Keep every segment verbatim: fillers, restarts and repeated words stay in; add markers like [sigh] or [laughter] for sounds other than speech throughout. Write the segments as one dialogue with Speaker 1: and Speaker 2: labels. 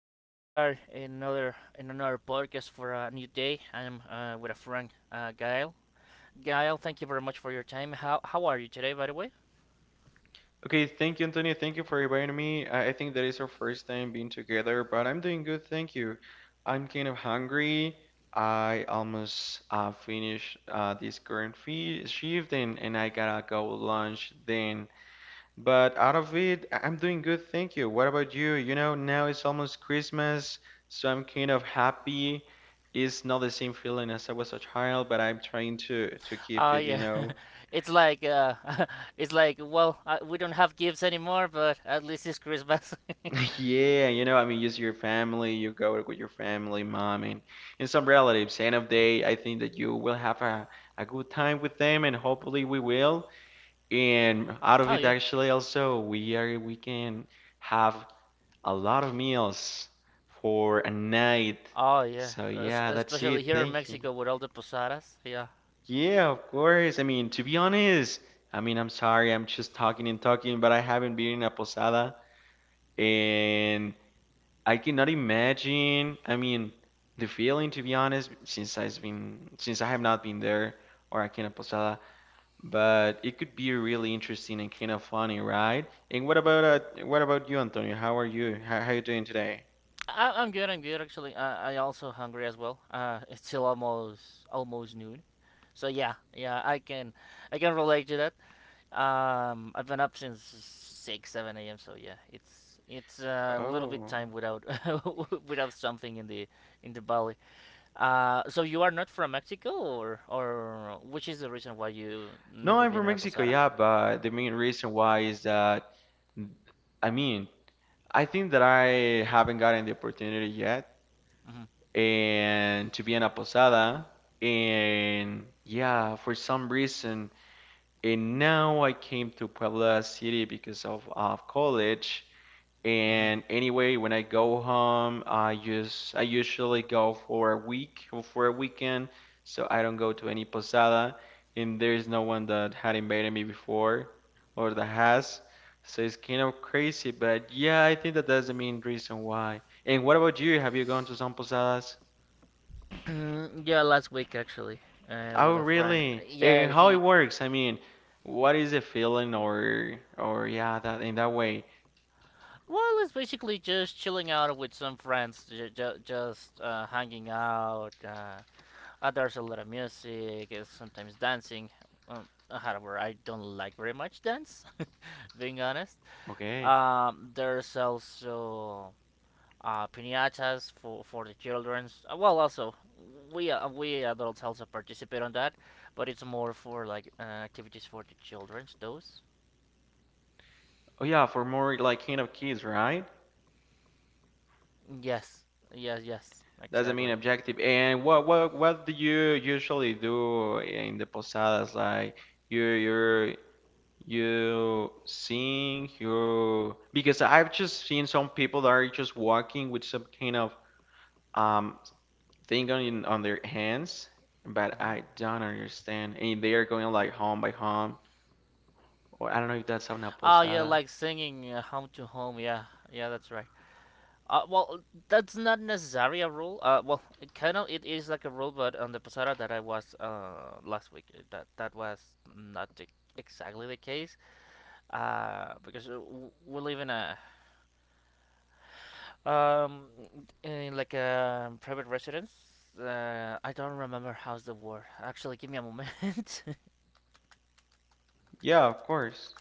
Speaker 1: Uh, we are in another in another podcast for a new day. I am uh, with a friend, uh, Gael. Gael, thank you very much for your time. How how are you today, by the way?
Speaker 2: Okay, thank you, Antonio. Thank you for inviting me. I I think that is our first time being together, but I'm doing good, thank you. I'm kind of hungry. I almost uh, finished uh, this current fee shift and, and I gotta go lunch then. But out of it, I- I'm doing good, thank you. What about you? You know, now it's almost Christmas, so I'm kind of happy. It's not the same feeling as I was a child, but I'm trying to to keep
Speaker 1: Uh,
Speaker 2: it, you
Speaker 1: yeah,
Speaker 2: know.
Speaker 1: [laughs] it's like uh, [laughs] it's like well, uh, we don't have gifts anymore, but at least it's Christmas.
Speaker 2: [laughs] Yeah, you know, I mean, just your family, you go with your family, mom, and, and some relatives. End of day, I think that you will have a, a good time with them, and hopefully we will. And out
Speaker 1: [laughs]
Speaker 2: of
Speaker 1: Oh
Speaker 2: it,
Speaker 1: yeah.
Speaker 2: actually, also, we are we can have a lot of meals for a night.
Speaker 1: Oh yeah,
Speaker 2: So
Speaker 1: Es-
Speaker 2: yeah, that's
Speaker 1: especially
Speaker 2: it.
Speaker 1: here in
Speaker 2: Thank you.
Speaker 1: Mexico with all the posadas.
Speaker 2: Yeah, of course. I mean, to be honest, I mean, I'm sorry, I'm just talking and talking, but I haven't been in a posada. And I cannot imagine. I mean, the feeling, to be honest, since I've been since I have not been there or I cannot Posada, but it could be really interesting and kind of funny, right? And what about uh, what about you, Antonio? How are you? How, how are you doing today?
Speaker 1: I, I'm good. I'm good actually. I, I also hungry as well. Uh, it's still almost almost noon, so yeah, yeah. I can I can relate to that. Um, I've been up since six seven a m. So yeah, it's it's uh, a little bit
Speaker 2: Oh.
Speaker 1: time without [laughs] without something in the in the belly. Uh, so you are not from Mexico, or or which is the reason why you
Speaker 2: No,
Speaker 1: never
Speaker 2: I'm
Speaker 1: been
Speaker 2: from
Speaker 1: in a
Speaker 2: Mexico,
Speaker 1: posada?
Speaker 2: yeah, but the main reason why is that, I mean, I think that I haven't gotten the opportunity yet,
Speaker 1: Hmm.
Speaker 2: and to be in a posada, and yeah, for some reason, and now I came to Puebla City because of, of college.
Speaker 1: Mhm.
Speaker 2: And anyway, when I go home, I just I usually go for a week or for a weekend, so I don't go to any posada, and there's no one that had invited me before or that has. So it's kind of crazy, but yeah, I think that that's the main reason why. And what about you? Have you gone to some posadas?
Speaker 1: Weekend. Mm, yeah, last week actually, uh, with
Speaker 2: Oh,
Speaker 1: a friend.
Speaker 2: really?
Speaker 1: Yeah,
Speaker 2: And how it
Speaker 1: he.
Speaker 2: works? I mean, what is the feeling or or yeah, that in that way.
Speaker 1: Well, it's basically just chilling out with some friends, j- j- just uh, hanging out. Uh, uh, there's a lot of music, uh, sometimes dancing. Um, however, I don't like very much dance, [laughs] being honest.
Speaker 2: Okay.
Speaker 1: Um, there's also uh, piñatas for for the childrens. Uh, Well, also we uh, we adults also participate on that, but it's more for like uh, activities for the childrens. Those.
Speaker 2: Oh yeah, for more like kind of kids, right?
Speaker 1: Yes. Yes. Yes.
Speaker 2: That's the main
Speaker 1: Exactly.
Speaker 2: objective. And what what what do you usually do in the posadas? Like you you you sing, you because I've just seen some people that are just walking with some kind of um thing on on their hands. But
Speaker 1: Like, hmm.
Speaker 2: I don't understand. And they are going like home by home, or I don't know if that's una
Speaker 1: Oh yeah,
Speaker 2: posada.
Speaker 1: like singing uh, home to home. Yeah. Yeah, that's right. Uh, well, that's not necessarily a rule. Uh, well, it kind of it is like a rule, but on the posada that I was uh last week, uh, that that was not the, exactly the case. Uh, because uh, w- we live in a um in like a private residence. Uh, I don't remember how's the word. Actually, give me a moment. [laughs]
Speaker 2: Yeah, of course.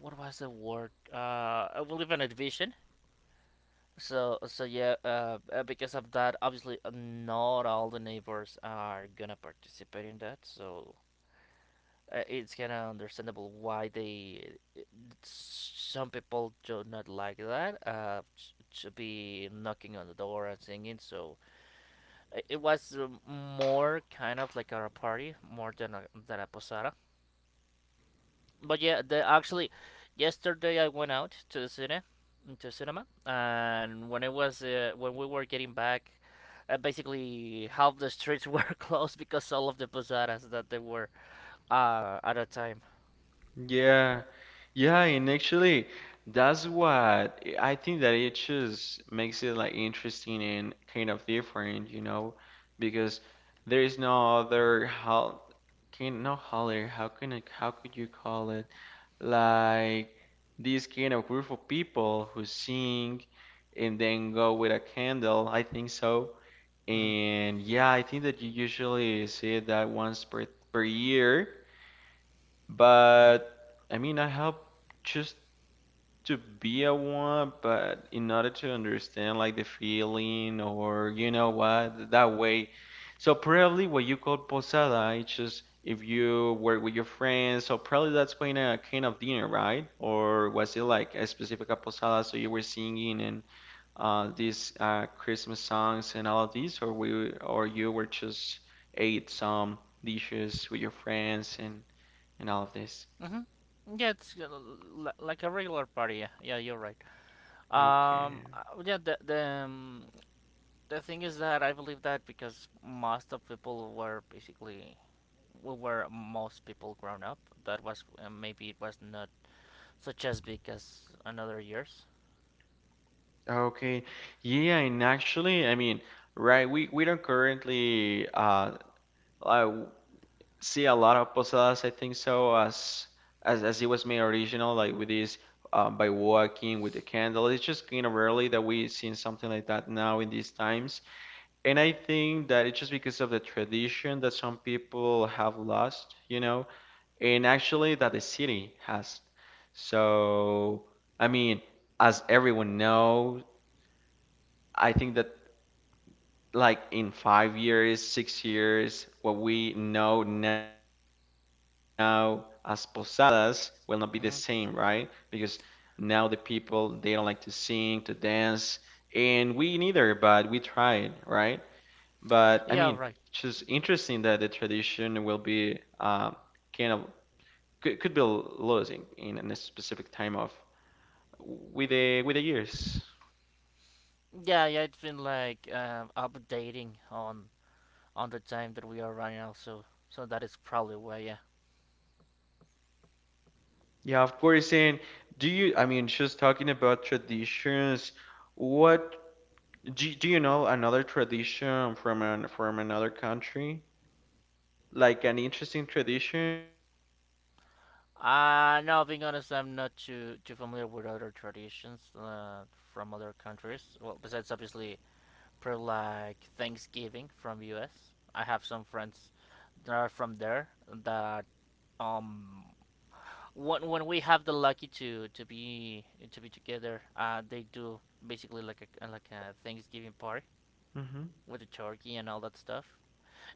Speaker 1: What was the word? Uh, we live in a division. So so yeah, uh, uh, because of that, obviously uh, not all the neighbors are gonna participate in that. So uh, it's kind of understandable why they uh, some people do not like that. Uh, t- to be knocking on the door and singing. So uh, it was uh, more kind of like a party more than a than a posada. But yeah, the actually yesterday I went out to the cine, to cinema, and when it was uh, when we were getting back, uh, basically half the streets [laughs] were closed because all of the posadas that they were uh, at a time.
Speaker 2: Yeah, yeah, and actually, that's what I think that it just makes it like interesting and kind of different, you know, because there is no other how can no holler how can I, how could you call it like this kind of group of people who sing and then go with a candle, I think so.
Speaker 1: Hmm.
Speaker 2: And yeah, I think that you usually see that once per per year. But I mean, I help just to be a one, but in order to understand like the feeling or you know what, that way. So probably what you call posada, it's just if you were with your friends. So probably that's kind of kind of dinner, right? Or was it like a specific posada? So you were singing and uh, these uh, Christmas songs and all of these, or we or you were just ate some dishes with your friends and and all of this.
Speaker 1: Hmm. Yeah, it's uh, l- like a regular party. Yeah, yeah, you're right.
Speaker 2: Okay.
Speaker 1: Um, uh, yeah, the the um, the thing is that I believe that because most of people were basically we were most people grown up. That was uh, maybe it was not such as big as another years.
Speaker 2: Okay. Yeah, and actually, I mean, right, we we don't currently uh, uh see a lot of posadas, I think so, as as as it was made original, like with this uh, by walking with the candle. It's just kind of rarely that we seen something like that now in these times. And I think that it's just because of the tradition that some people have lost, you know, and actually that the city has. So, I mean, as everyone knows, I think that like in five years, six years, what we know now as posadas will not be the same, right?
Speaker 1: Mhm.
Speaker 2: Because now the people they don't like to sing, to dance, and we neither, but we tried, right? But I
Speaker 1: But yeah,
Speaker 2: mean,
Speaker 1: right.
Speaker 2: it's just
Speaker 1: It's mhm.
Speaker 2: interesting that the tradition will be um, kind of could, could be losing in a specific time of with the with the years.
Speaker 1: Yeah, yeah. It's been like uh, updating on on the time that we are right now. So so that is probably why. Yeah.
Speaker 2: Yeah, of course. And do you, I mean, just talking about traditions, what do, do you know another tradition from an, from another country? Like an interesting tradition?
Speaker 1: Uh, no, being honest, I'm not too too familiar with other traditions uh, from other countries. Well, besides obviously, probably like Thanksgiving from U. S. I have some friends that are from there that um when when we have the lucky to to be to be together, uh, they do basically like a like a Thanksgiving party
Speaker 2: Hmm.
Speaker 1: with the turkey and all that stuff.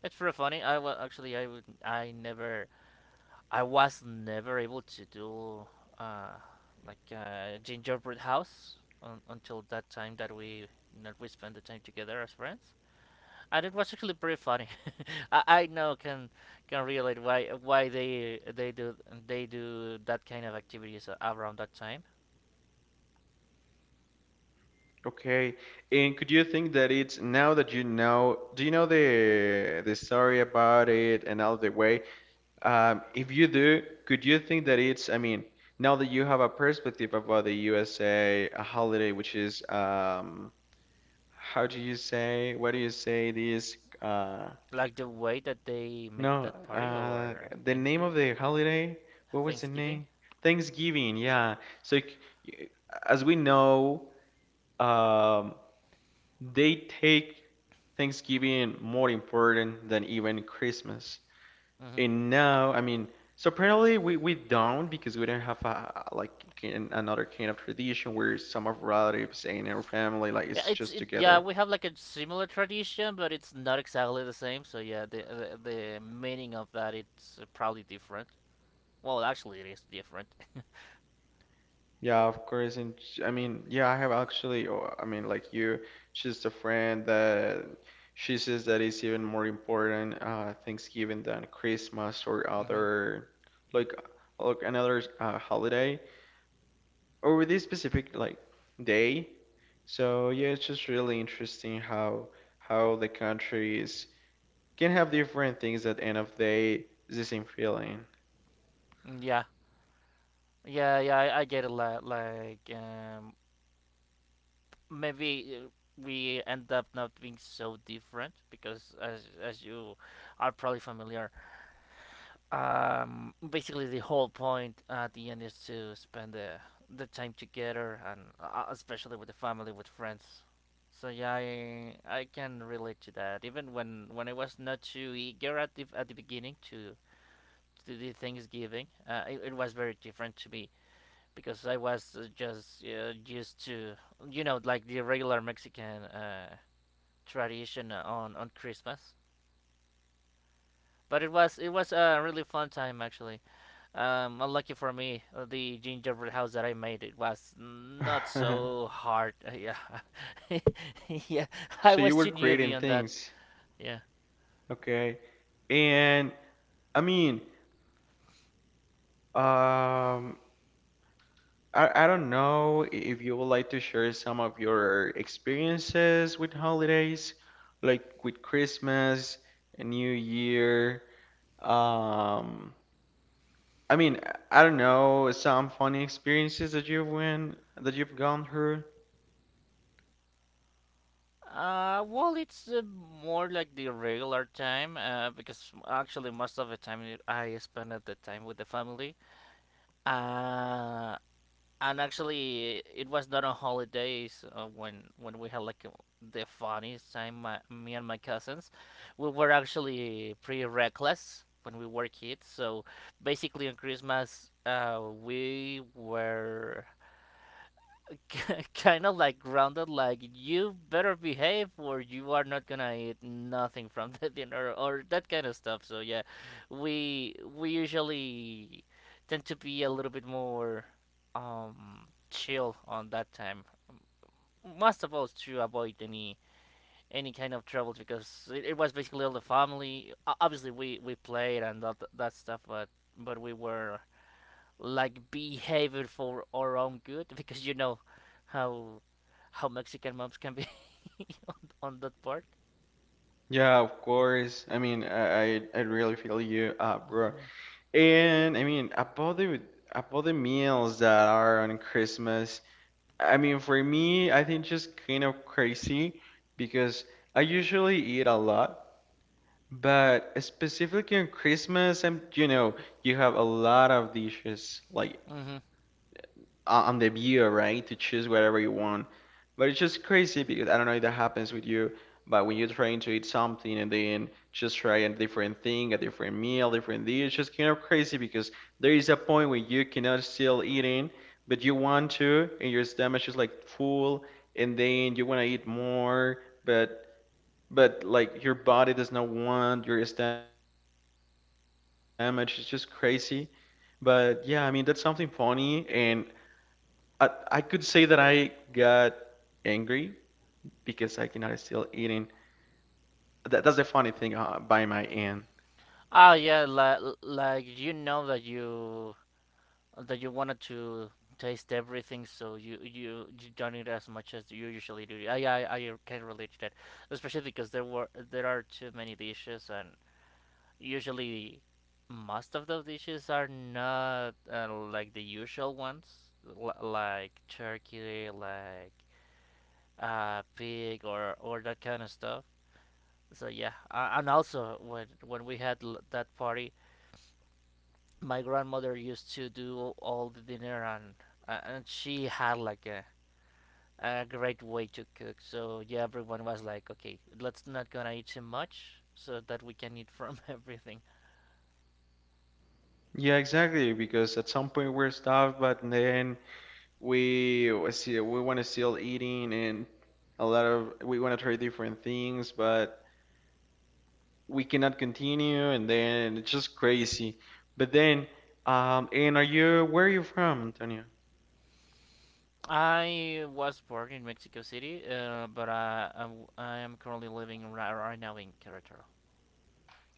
Speaker 1: It's pretty funny. I well, actually I would I never I was never able to do uh, like uh, gingerbread house un- until that time that we that we spent the time together as friends, and it was actually pretty funny. [laughs] I, I now can can relate why why they they do they do that kind of activities a- around that time,
Speaker 2: Okay. And could you think that it's now that you know, do you know the the story about it and all the way? Um, if you do, could you think that it's, I mean, now that you have a perspective about the U S A, a a holiday which is um, how do you say? What do you say? This uh
Speaker 1: like the way that they make
Speaker 2: no
Speaker 1: that party
Speaker 2: uh
Speaker 1: or
Speaker 2: the name
Speaker 1: Thanksgiving.
Speaker 2: of the holiday. What was the
Speaker 1: Thanksgiving.
Speaker 2: name? Thanksgiving. Yeah. So c- y- as we know, um, they take Thanksgiving more important than even Christmas.
Speaker 1: Hmm.
Speaker 2: And now, I mean, so apparently we, we don't because we don't have a, like kin- another kind of tradition where some of relatives and our family like
Speaker 1: Yeah,
Speaker 2: it's
Speaker 1: it's
Speaker 2: just
Speaker 1: it. Yeah,
Speaker 2: together.
Speaker 1: we have like a similar tradition, but it's not exactly the same. So yeah, the the, the meaning of that it's uh, probably different. Well, actually, it is different. [laughs]
Speaker 2: Yeah, of course. And sh- I mean, yeah, I have actually, oh, I mean, like you, she's a friend that she says that it's even more important uh, Thanksgiving than Christmas or
Speaker 1: Hmm.
Speaker 2: other, like, like another uh, holiday or this specific like day. So yeah, it's just really interesting how how the countries can have different things at the end of the day, it's the same feeling.
Speaker 1: Mm, yeah, yeah, yeah. I, I get it. Like, like um, maybe uh, we end up not being so different because, as as you are probably familiar, um, basically the whole point at the end is to spend the the time together and uh, especially with the family with friends. So yeah, I, I can relate to that even when when I was not too eager at the, at the beginning to to the thanksgiving uh, it, it was very different to me because I was uh, just uh, used to you know like the regular mexican uh, tradition on on christmas, but it was it was a really fun time actually. Um, unlucky for me, uh, the gingerbread house that I made it was not so
Speaker 2: [laughs]
Speaker 1: hard. Uh, yeah, [laughs] yeah, I
Speaker 2: So
Speaker 1: was
Speaker 2: you were
Speaker 1: too
Speaker 2: creating
Speaker 1: newbie on that.
Speaker 2: things,
Speaker 1: Yeah.
Speaker 2: okay? And I mean, um, I, I don't know if you would like to share some of your experiences with holidays, like with Christmas, New Year. Um, I mean, I I don't know some funny experiences that you've went that you've gone through.
Speaker 1: Uh, well, it's uh, more like the regular time, uh, because actually most of the time I spend at the time with the family. Uh, and actually it was not on holidays uh, when when we had like uh, the funniest time, my, me and my cousins. We were actually pretty reckless when we were kids, so basically on christmas uh, we were [laughs] kind of like grounded like you better behave or you are not gonna eat nothing from the dinner or that kind of stuff. So yeah, we we usually tend to be a little bit more um chill on that time, most of us to avoid any any kind of troubles because it, it was basically all the family. O- obviously we we played and that that stuff, but but we were like behavior for our own good because you know how how Mexican moms can be [laughs] on, on that part.
Speaker 2: Yeah, of course. I mean, I I, I really feel you, uh,
Speaker 1: Uh,
Speaker 2: bro.
Speaker 1: Mhm.
Speaker 2: And I mean, about the about the meals that are on Christmas. I mean, for me, I think just kind of crazy because I usually eat a lot, but specifically on Christmas, I'm, you know, you have a lot of dishes, like
Speaker 1: That. Mhm.
Speaker 2: uh, on the viewer, right, to choose whatever you want. But it's just crazy because I don't know if that happens with you, but when you're trying to eat something and then just try a different thing, a different meal, different dish, it's just kind of crazy because there is a point where you cannot still eating, but you want to, and your stomach is like full, and then you want to eat more, but but like your body does not want your stomach. It's just crazy. But yeah, I mean that's something funny and I, I could say that I got angry because I cannot still eating. That, that's the funny thing uh, by my end.
Speaker 1: Oh yeah, like like you know that you that you wanted to taste everything, so you you, you don't eat as much as you usually do. I I I can relate to that, especially because there were there are too many dishes, and usually most of those dishes are not uh, like the usual ones l- like turkey like uh pig or or that kind of stuff. So yeah, uh, and also when when we had l- that party, my grandmother used to do all the dinner, and uh, and she had like a a great way to cook. So yeah, everyone was like okay let's not gonna eat too much so that we can eat from [laughs] everything.
Speaker 2: Yeah, exactly. Because at some point we're starved, but then we was- we want to still eating and a lot of we want to try different things, but we cannot continue, and then it's just crazy. But then, um, and are you where are you from, Antonio?
Speaker 1: I was born in Mexico City, uh, but I, I, w- I am currently living right, right now in Querétaro.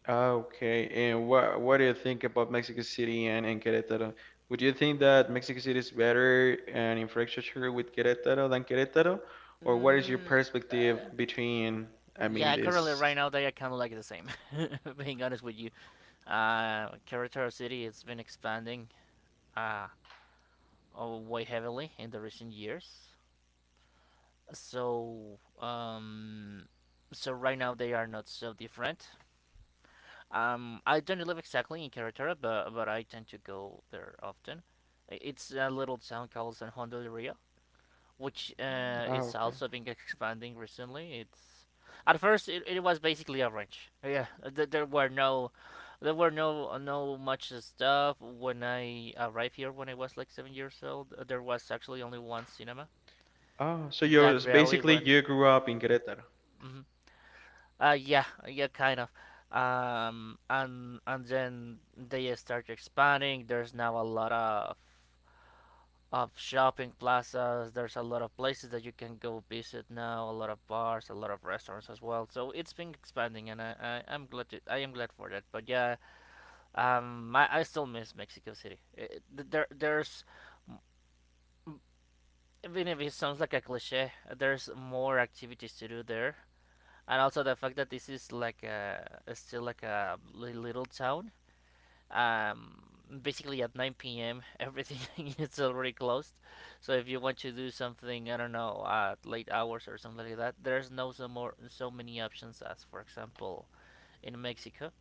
Speaker 2: Ah, okay, and what what do you think about Mexico City and, and Querétaro? Would you think that Mexico City is better in infrastructure with Querétaro than Querétaro? Or what is your
Speaker 1: Mm, uh,
Speaker 2: perspective between, I mean,
Speaker 1: yeah, currently right
Speaker 2: this?
Speaker 1: now they are kind of like the same. [laughs] Being honest with you, uh, Querétaro City has been expanding uh, oh, way heavily in the recent years. So um, so right now they are not so different. Um, I don't live exactly in Carretera, but, but I tend to go there often. It's a little town called San Juan del Rio, which uh,
Speaker 2: Oh,
Speaker 1: is
Speaker 2: okay.
Speaker 1: also been expanding recently. It's at first it, it was basically a ranch. Yeah, th- there were no there were no no much stuff when I arrived here when I was like seven years old. Uh, there was actually only one cinema
Speaker 2: Oh, so you're
Speaker 1: that rarely
Speaker 2: basically
Speaker 1: went.
Speaker 2: you grew up in Querétaro.
Speaker 1: Mm-hmm. Uh, yeah, yeah, kind of. Um, and and then they start expanding. There's now a lot of of shopping plazas. There's a lot of places that you can go visit now. A lot of bars, a lot of restaurants as well. So it's been expanding, and I, I I'm glad to, I am glad for that. But yeah, um, I, I still miss Mexico City. It, there there's even if it sounds like a cliche, there's more activities to do there and also the fact that this is like a still like a little town. Um, basically at nine p m everything [laughs] is already closed. So if you want to do something, I don't know, at late hours or something like that, there's no so more so many options as, for example, in Mexico.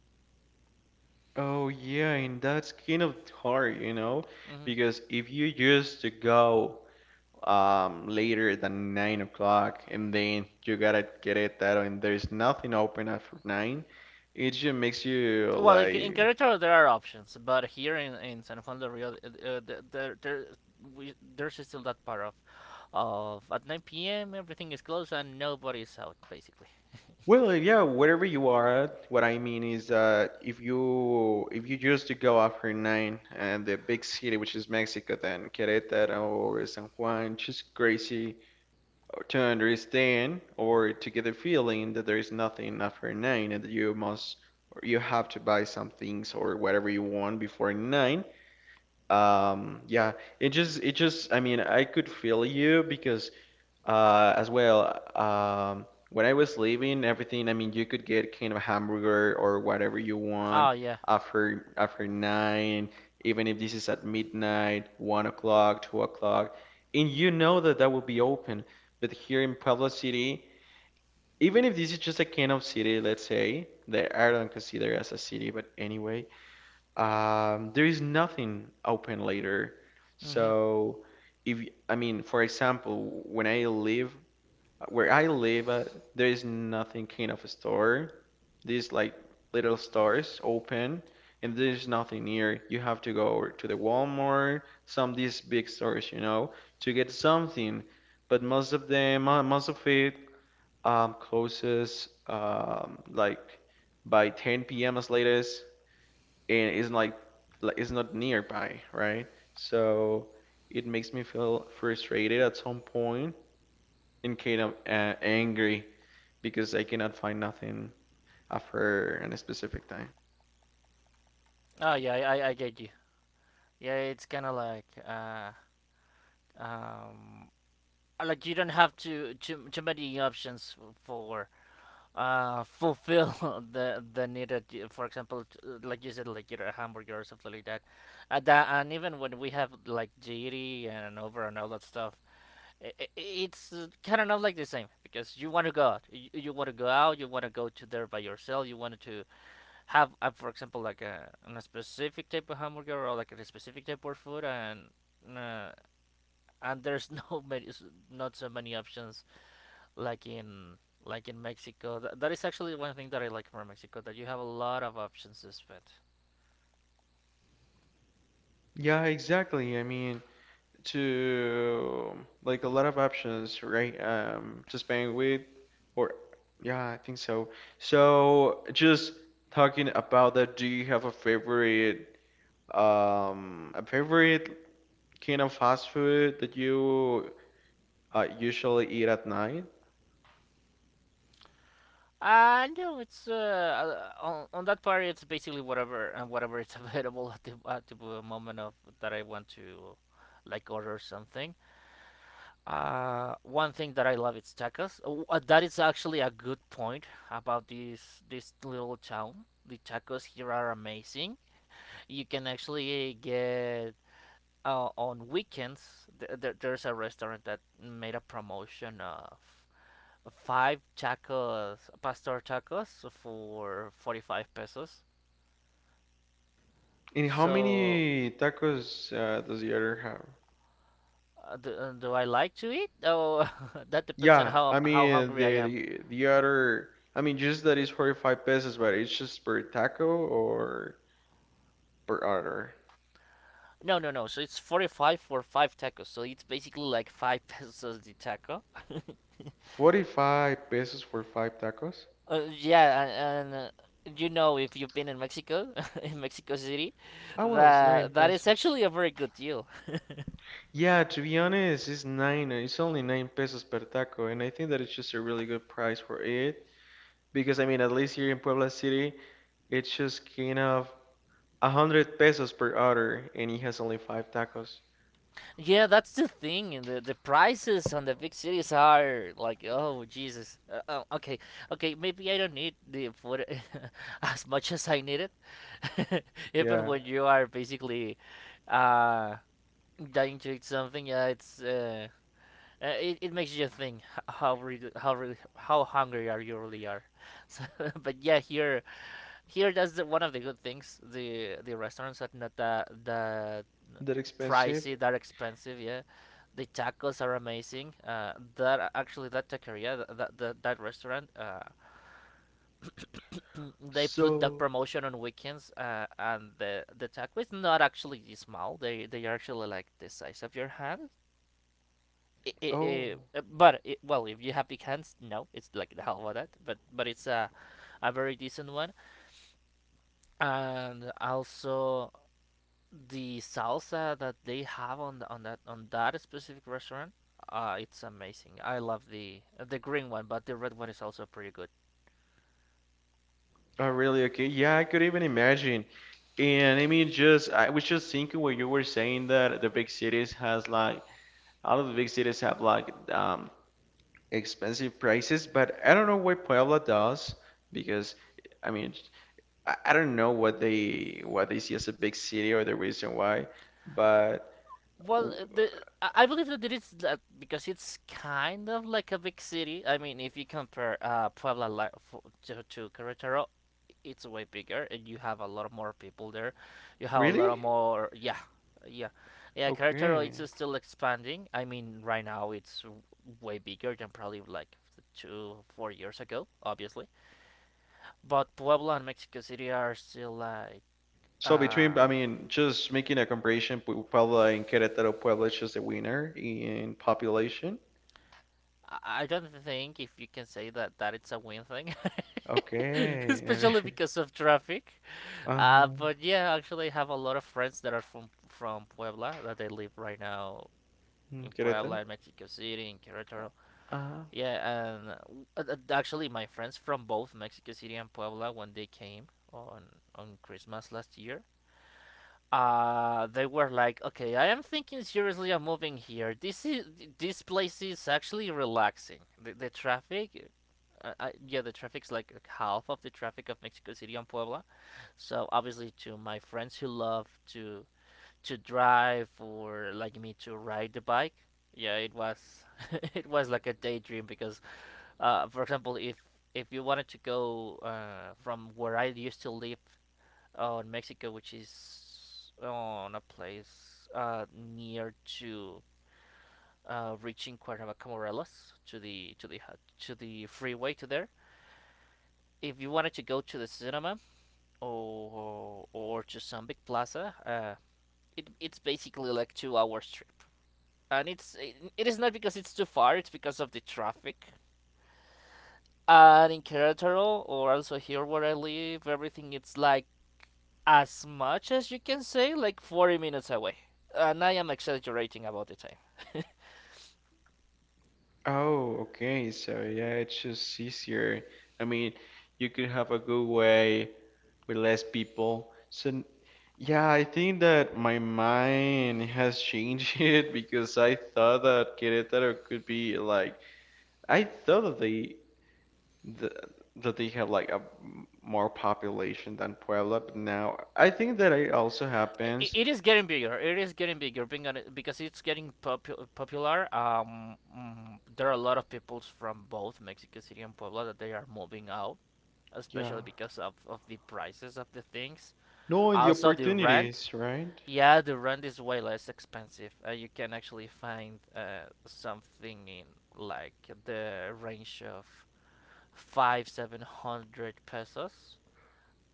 Speaker 2: Oh yeah, and that's kind of hard, you know,
Speaker 1: Hmm.
Speaker 2: because if you used to go um, later than nine o'clock, and then you gotta get it that, and there's nothing open after nine, it just makes you
Speaker 1: Well, in, in
Speaker 2: like,
Speaker 1: Querétaro there are options, but here in, in San Juan del Rio, uh, there there we, there's still that part of of at nine p m everything is closed and nobody's out basically.
Speaker 2: well, yeah, wherever you are at, what I mean is that if you if you used to go after nine and the big city, which is Mexico, then Querétaro or San Juan, just crazy to understand or to get the feeling that there is nothing after nine and that you must or you have to buy some things or whatever you want before nine. Um, yeah, it just, it just, I mean, I could feel you because, uh, as well, um, when I was leaving everything, I mean, you could get kind of hamburger or whatever you want
Speaker 1: Oh yeah.
Speaker 2: after after nine, even if this is at midnight, one o'clock, two o'clock, and you know that that will be open. But here in Puebla City, even if this is just a kind of city, let's say, that I don't consider as a city, but anyway, um, there is nothing open later.
Speaker 1: Mhm.
Speaker 2: So if I mean, for example, when I live where I live, uh, there is nothing kind of a store. These like little stores open, and there's nothing near. You have to go to the Walmart, some these big stores, you know, to get something. But most of them, mo- most of it, um, closes um, like by ten p m as latest, and it's like like it's not nearby, right? So it makes me feel frustrated at some point and kind of uh, angry because I cannot find nothing after a specific time.
Speaker 1: Oh yeah, I I- I get you. Yeah, it's kind of like uh um like you don't have too too too many options for uh fulfill [laughs] the the needed uh, for example t- uh, like you said, like you know a hamburger or something like that. And that, and even when we have like jiri and over and all that stuff, i i it's kind of not like the same because you want to go out, you, you want to go out, you want to go to there by yourself, you want to have, uh, for example, like a, a specific type of hamburger or like a specific type of food. And uh, and there's [laughs] no many s- not so many options like in like in Mexico. Th- that is actually one thing that I like from Mexico, that you have a lot of options to spend.
Speaker 2: Yeah, exactly. I mean, to like a lot of options, right, Um, to spend with, or yeah, I think so. So just talking about that, do you have a favorite, um, a favorite kind of fast food that you uh, usually eat at night?
Speaker 1: Uh, no, it's uh, uh, on, on that part, it's basically whatever, and whatever is [laughs] available at the at the moment of that I want to like order something. Uh, one thing that I love is tacos. Oh, uh, that is actually a good point about this this little town. The tacos here are amazing. You can actually uh, get, uh, on weekends, th- th- there's a restaurant that made a promotion of five tacos, pastor tacos, for forty-five pesos.
Speaker 2: And how
Speaker 1: So,
Speaker 2: many tacos uh, does the other have?
Speaker 1: uh, do, uh, do I like to eat? Oh, [laughs] that depends on
Speaker 2: Yeah,
Speaker 1: how
Speaker 2: I
Speaker 1: how
Speaker 2: mean
Speaker 1: hungry I
Speaker 2: the
Speaker 1: am.
Speaker 2: the, the other, I mean just that is forty-five pesos, but it's just per taco or per order.
Speaker 1: No no no so it's forty-five for five tacos, so it's basically like five [laughs] pesos the taco.
Speaker 2: forty-five pesos for five tacos?
Speaker 1: Uh, yeah, and, and uh, you know, if you've been in Mexico, [laughs] in Mexico City,
Speaker 2: Ah, well, it's nine
Speaker 1: that that is
Speaker 2: pesos.
Speaker 1: actually a very good deal.
Speaker 2: Yeah, to be honest, it's nine, uh, it's only nine pesos per taco, and I think that it's just a really good price for it. Because I mean, at least here in Puebla City, it's just kind of a hundred pesos per order, and he has only five tacos.
Speaker 1: Yeah, that's the thing. And The the prices on the big cities are like, oh Jesus. Uh, oh, okay, okay, maybe I don't need the food [laughs] as much as I need it. [laughs] Even
Speaker 2: Yeah,
Speaker 1: when you are basically uh dying to eat something, yeah, it's uh Uh, it, it makes you just think how really, how really, how hungry are you really are. So, [laughs] but yeah, here, here that's the— one of the good things. The the restaurants are not that that
Speaker 2: that expensive.
Speaker 1: pricey, that expensive. Yeah, the tacos are amazing. Uh, that, actually, that taqueria, that that, that, that restaurant, uh, [clears throat] they put that
Speaker 2: So,
Speaker 1: promotion on weekends. Uh, and the the taco is not actually small. They they are actually like the size of your hand. It it
Speaker 2: oh,
Speaker 1: it but it, well, if you have the hands, no, it's like the hell about that. But but it's a a very decent one, and also the salsa that they have on the— on that on that specific restaurant, uh, it's amazing. I love the the green one, but the red one is also pretty good.
Speaker 2: oh, really? Okay, yeah, I could even imagine. And I mean, just I was just thinking when you were saying that the big cities has like all of the big cities have like um expensive prices, but I don't know why Puebla does, because I mean, I, I don't know what they what they see as a big city or the reason why, but
Speaker 1: Well,
Speaker 2: w-
Speaker 1: uh, the I I believe that it is that because it's kind of like a big city. I mean, if you compare, uh, Puebla, li- f- to, to Querétaro, it's way bigger, and you have a lot more people there. You have a lot
Speaker 2: really?
Speaker 1: of more, yeah, yeah, yeah. Querétaro,
Speaker 2: Okay.
Speaker 1: it's still expanding. I mean, right now it's w- way bigger than probably like two, four years ago, obviously. But Puebla and Mexico City are still like,
Speaker 2: So between,
Speaker 1: uh,
Speaker 2: I mean, just making a comparison, Pu- Puebla and Querétaro, Puebla is just the winner in population.
Speaker 1: I don't think if you can say that that it's a win thing, [laughs]
Speaker 2: Okay.
Speaker 1: especially because of traffic.
Speaker 2: [laughs] uh
Speaker 1: Uh, but
Speaker 2: Querétaro.
Speaker 1: yeah, actually, I have a lot of friends that are from from Puebla that they live right now
Speaker 2: Mm.
Speaker 1: in Puebla, in Mexico City, in Querétaro. Yeah, and uh, uh, uh, actually, my friends from both Mexico City and Puebla, when they came on on Christmas last year, uh they were like, okay, I am thinking seriously of moving here, this is— this place is actually relaxing. The, the traffic, uh, I, yeah, the traffic's like half of the traffic of Mexico City and Puebla. So obviously, to my friends who love to to drive, or like me, to ride the bike, yeah, it was [laughs] it was like a daydream, because, uh for example, if if you wanted to go, uh, from where I used to live, oh, in Mexico, which is on a place uh, near to, uh, reaching Cuernavaca, Morelos, to the to the to the freeway to there. If you wanted to go to the cinema, or or to some big plaza, uh, it it's basically like two hours trip, and it's it, it is not because it's too far, it's because of the traffic. And in Querétaro, or also here where I live, everything it's like, as much as you can say, like forty minutes away. And I am exaggerating about the time. [laughs] I-
Speaker 2: Oh, okay. So yeah, it's just easier. I mean, you could have a good way with less people. So n- yeah, I think that my mind has changed [laughs] it, because I thought that Querétaro could be like I thought that they the, that they have like a m- more population than Puebla, but now I think that it also happens.
Speaker 1: It is getting bigger. It is getting bigger, being on it- because it's getting popu- popular. Um, mm, there are a lot of peoples from both Mexico City and Puebla that they are moving out,
Speaker 2: Yeah.
Speaker 1: especially because of, of the prices of the things.
Speaker 2: No, and the
Speaker 1: Also, the rent—
Speaker 2: opportunities, right?
Speaker 1: yeah, the rent is way less expensive. Uh, you can actually find, uh, something in, like, the range of five, seven hundred pesos.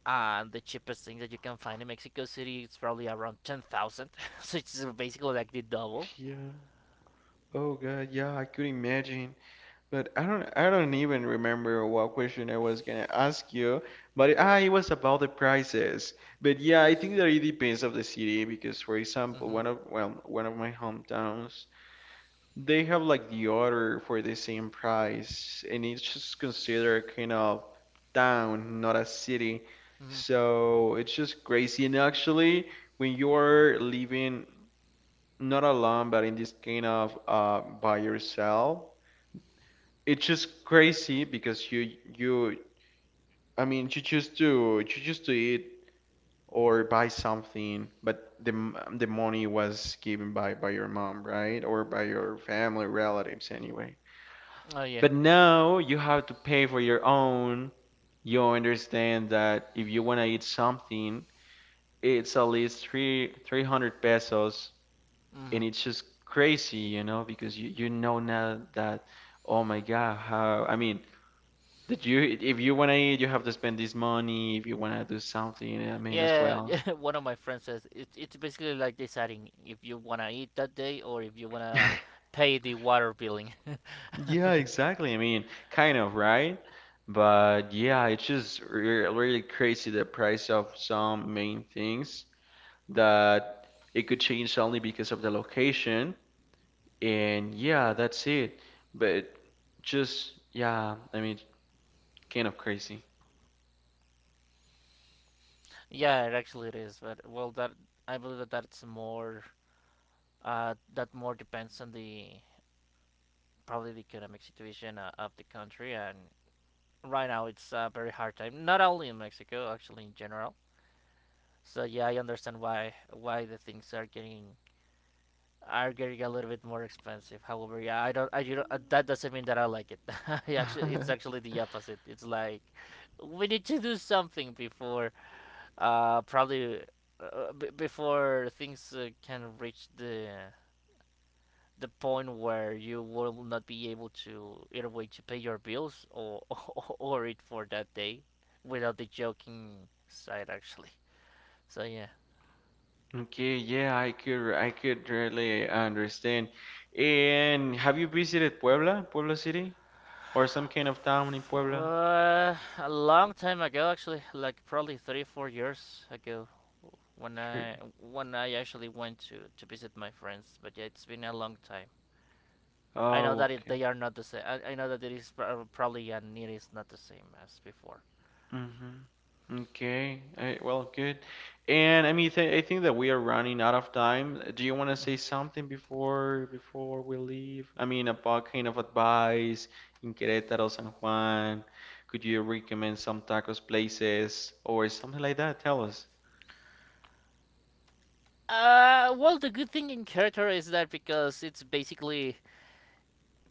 Speaker 1: And the cheapest thing that you can find in Mexico City is probably around ten thousand. [laughs] So it's basically like the double.
Speaker 2: Yeah. Oh God, yeah, I could imagine. But I don't I don't even remember what question I was gonna ask you, but it- ah, it was about the prices. But yeah, I think that it depends of the city because, for example,
Speaker 1: Mhm.
Speaker 2: one of well, one of my hometowns, they have like the order for the same price, and it's just considered kind of town, not a city.
Speaker 1: Hometowns.
Speaker 2: So it's just crazy. And actually, when you're living not alone, but in this kind of uh by yourself, it's just crazy because you you I mean you choose to you choose to eat or buy something, but the m- the money was given by by your mom, right? Or by your family relatives anyway.
Speaker 1: Mm-hmm. Oh yeah.
Speaker 2: But now you have to pay for your own. You understand that if you want to eat something, it's at least three 300 pesos,
Speaker 1: Mm-hmm.
Speaker 2: and it's just crazy, you know, because you you know now that, oh my God, how I mean that you, if you wanna eat, you have to spend this money. If you wanna do something, I mean, as
Speaker 1: Yeah, [laughs]
Speaker 2: well.
Speaker 1: yeah, one of my friends says it, it's basically like deciding if you want to eat that day or if you want to
Speaker 2: [laughs]
Speaker 1: pay the water billing. [laughs]
Speaker 2: Yeah, exactly. I mean, kind of, right? But yeah, it's just re really crazy, the price of some main things that it could change only because of the location. And yeah, that's it. But just, yeah, I mean, kind of crazy.
Speaker 1: Yeah, it actually it is, but well that I believe that that's more uh that more depends on the probably the economic situation uh, of the country. And right now it's a very hard time, not only in Mexico, actually in general. So yeah, I understand why why the things are getting— are getting a little bit more expensive. However, yeah, I don't— I you know, uh, that doesn't mean that I like it. [laughs] I Actually, it's
Speaker 2: [laughs]
Speaker 1: actually the opposite. It's like we need to do something before, uh, probably, uh, b- before things uh, can reach the the point where you will not be able to either way to pay your bills or [laughs] or or eat for that day, without the joking side, actually. So yeah.
Speaker 2: Okay, yeah, I could I could really understand. And have you visited Puebla, Puebla City, or some kind of town in Puebla?
Speaker 1: Uh, a long time ago, actually, like probably three, four years ago, when
Speaker 2: Sure.
Speaker 1: I— when I actually went to to visit my friends. But yeah, it's been a long time. I know
Speaker 2: Oh,
Speaker 1: that it,
Speaker 2: okay.
Speaker 1: they are not the same. I, I know that it is pro- probably— and it is not the same as before.
Speaker 2: Mm-hmm. Okay. I, well, good. And I mean, th I think that we are running out of time. Do you want to say
Speaker 1: Hmm.
Speaker 2: something before before we leave? I mean, about kind of advice in Querétaro, San Juan. Could you recommend some tacos places or something like that? Tell us.
Speaker 1: Uh, well, the good thing in Querétaro is that because it's basically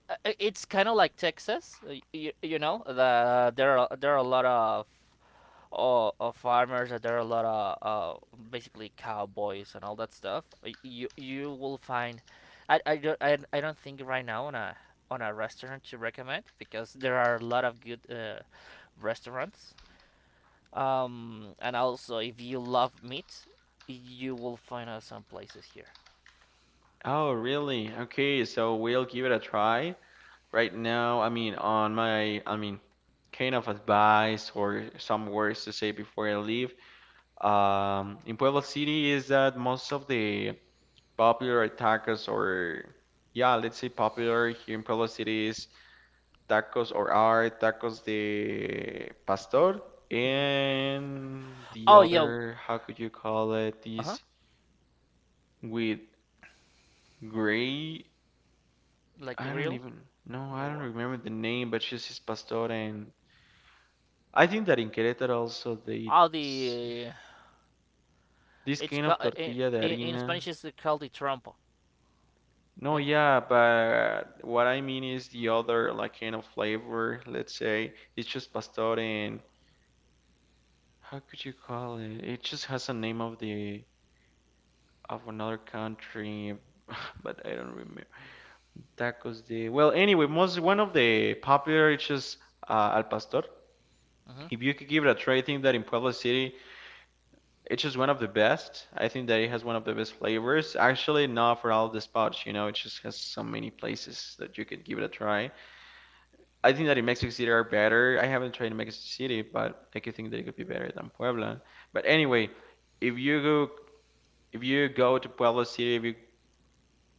Speaker 1: uh, uh, it's kind of like Texas, uh, you, you know, the there are there are a lot of uh, uh, farmers, and there are a lot of, uh, basically, cowboys and all that stuff. You, you will find— I, I don't I, I don't think right now on a on a restaurant to recommend, because there are a lot of good, uh, restaurants. Um and also if you love meat, you will find out some places here.
Speaker 2: Oh, really? Okay, so we'll give it a try. Right now, I mean, on my, I mean, kind of advice or some words to say before I leave. Um, in Puebla City is that most of the popular tacos or, yeah, let's say popular here in Puebla City is tacos or are tacos de pastor,
Speaker 1: Mhm.
Speaker 2: and the
Speaker 1: Oh yeah.
Speaker 2: other, how could you call it,
Speaker 1: Uh-huh.
Speaker 2: this with gray.
Speaker 1: Like
Speaker 2: I don't
Speaker 1: real.
Speaker 2: even, no, I don't
Speaker 1: Or
Speaker 2: remember the name, but she's his pastor, and I think that in Querétaro also they eat
Speaker 1: all
Speaker 2: s-
Speaker 1: the—
Speaker 2: this
Speaker 1: it's
Speaker 2: kind of
Speaker 1: ca- uh, in,
Speaker 2: tortilla de
Speaker 1: in
Speaker 2: harina.
Speaker 1: Spanish, it's called the trompo.
Speaker 2: No,
Speaker 1: Yeah.
Speaker 2: yeah, but what I mean is the other, like, kind of flavor. Let's say it's just pastor, and how could you call it? It just has a name of the of another country, [laughs] but I don't remember. Tacos de, well, anyway, most one of the popular it's just uh, al pastor.
Speaker 1: Hmm.
Speaker 2: If you could give it a try, I think that in Puebla City. It's just one of the best. I think that it has one of the best flavors. Actually, not for all the spots, you know, it just has so many places that you could give it a try. I think that in Mexico City are better. I haven't tried in Mexico City, but I could think that it could be better than Puebla. But anyway, if you go if you go to Puebla City, if you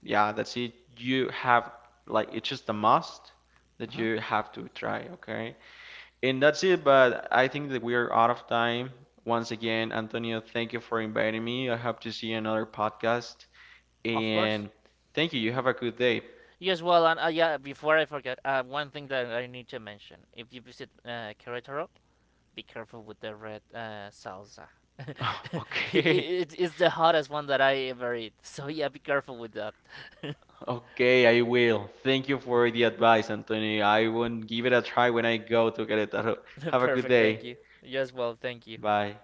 Speaker 2: yeah, that's it. You have like it's just a must that
Speaker 1: Hmm.
Speaker 2: you have to try, okay? And that's it, but I think that we are out of time. Once again, Antonio, thank you for inviting me. I hope to see you in another podcast.
Speaker 1: Of course.
Speaker 2: And thank you. You have a good day.
Speaker 1: Yes, well, and uh, yeah, before I forget, uh, one thing that I need to mention: if you visit, uh, Querétaro, be careful with the red, uh, salsa. [laughs]
Speaker 2: [laughs]
Speaker 1: it,
Speaker 2: Okay.
Speaker 1: it, it's the hottest one that I ever eat. So yeah, be careful with that. [laughs] Okay.
Speaker 2: Okay, I will. Thank you for the advice, Antonio. I will give it a try when I go to Querétaro.
Speaker 1: [laughs]
Speaker 2: Have a good
Speaker 1: Perfect. Thank
Speaker 2: day.
Speaker 1: you. You as well. Thank you.
Speaker 2: Bye.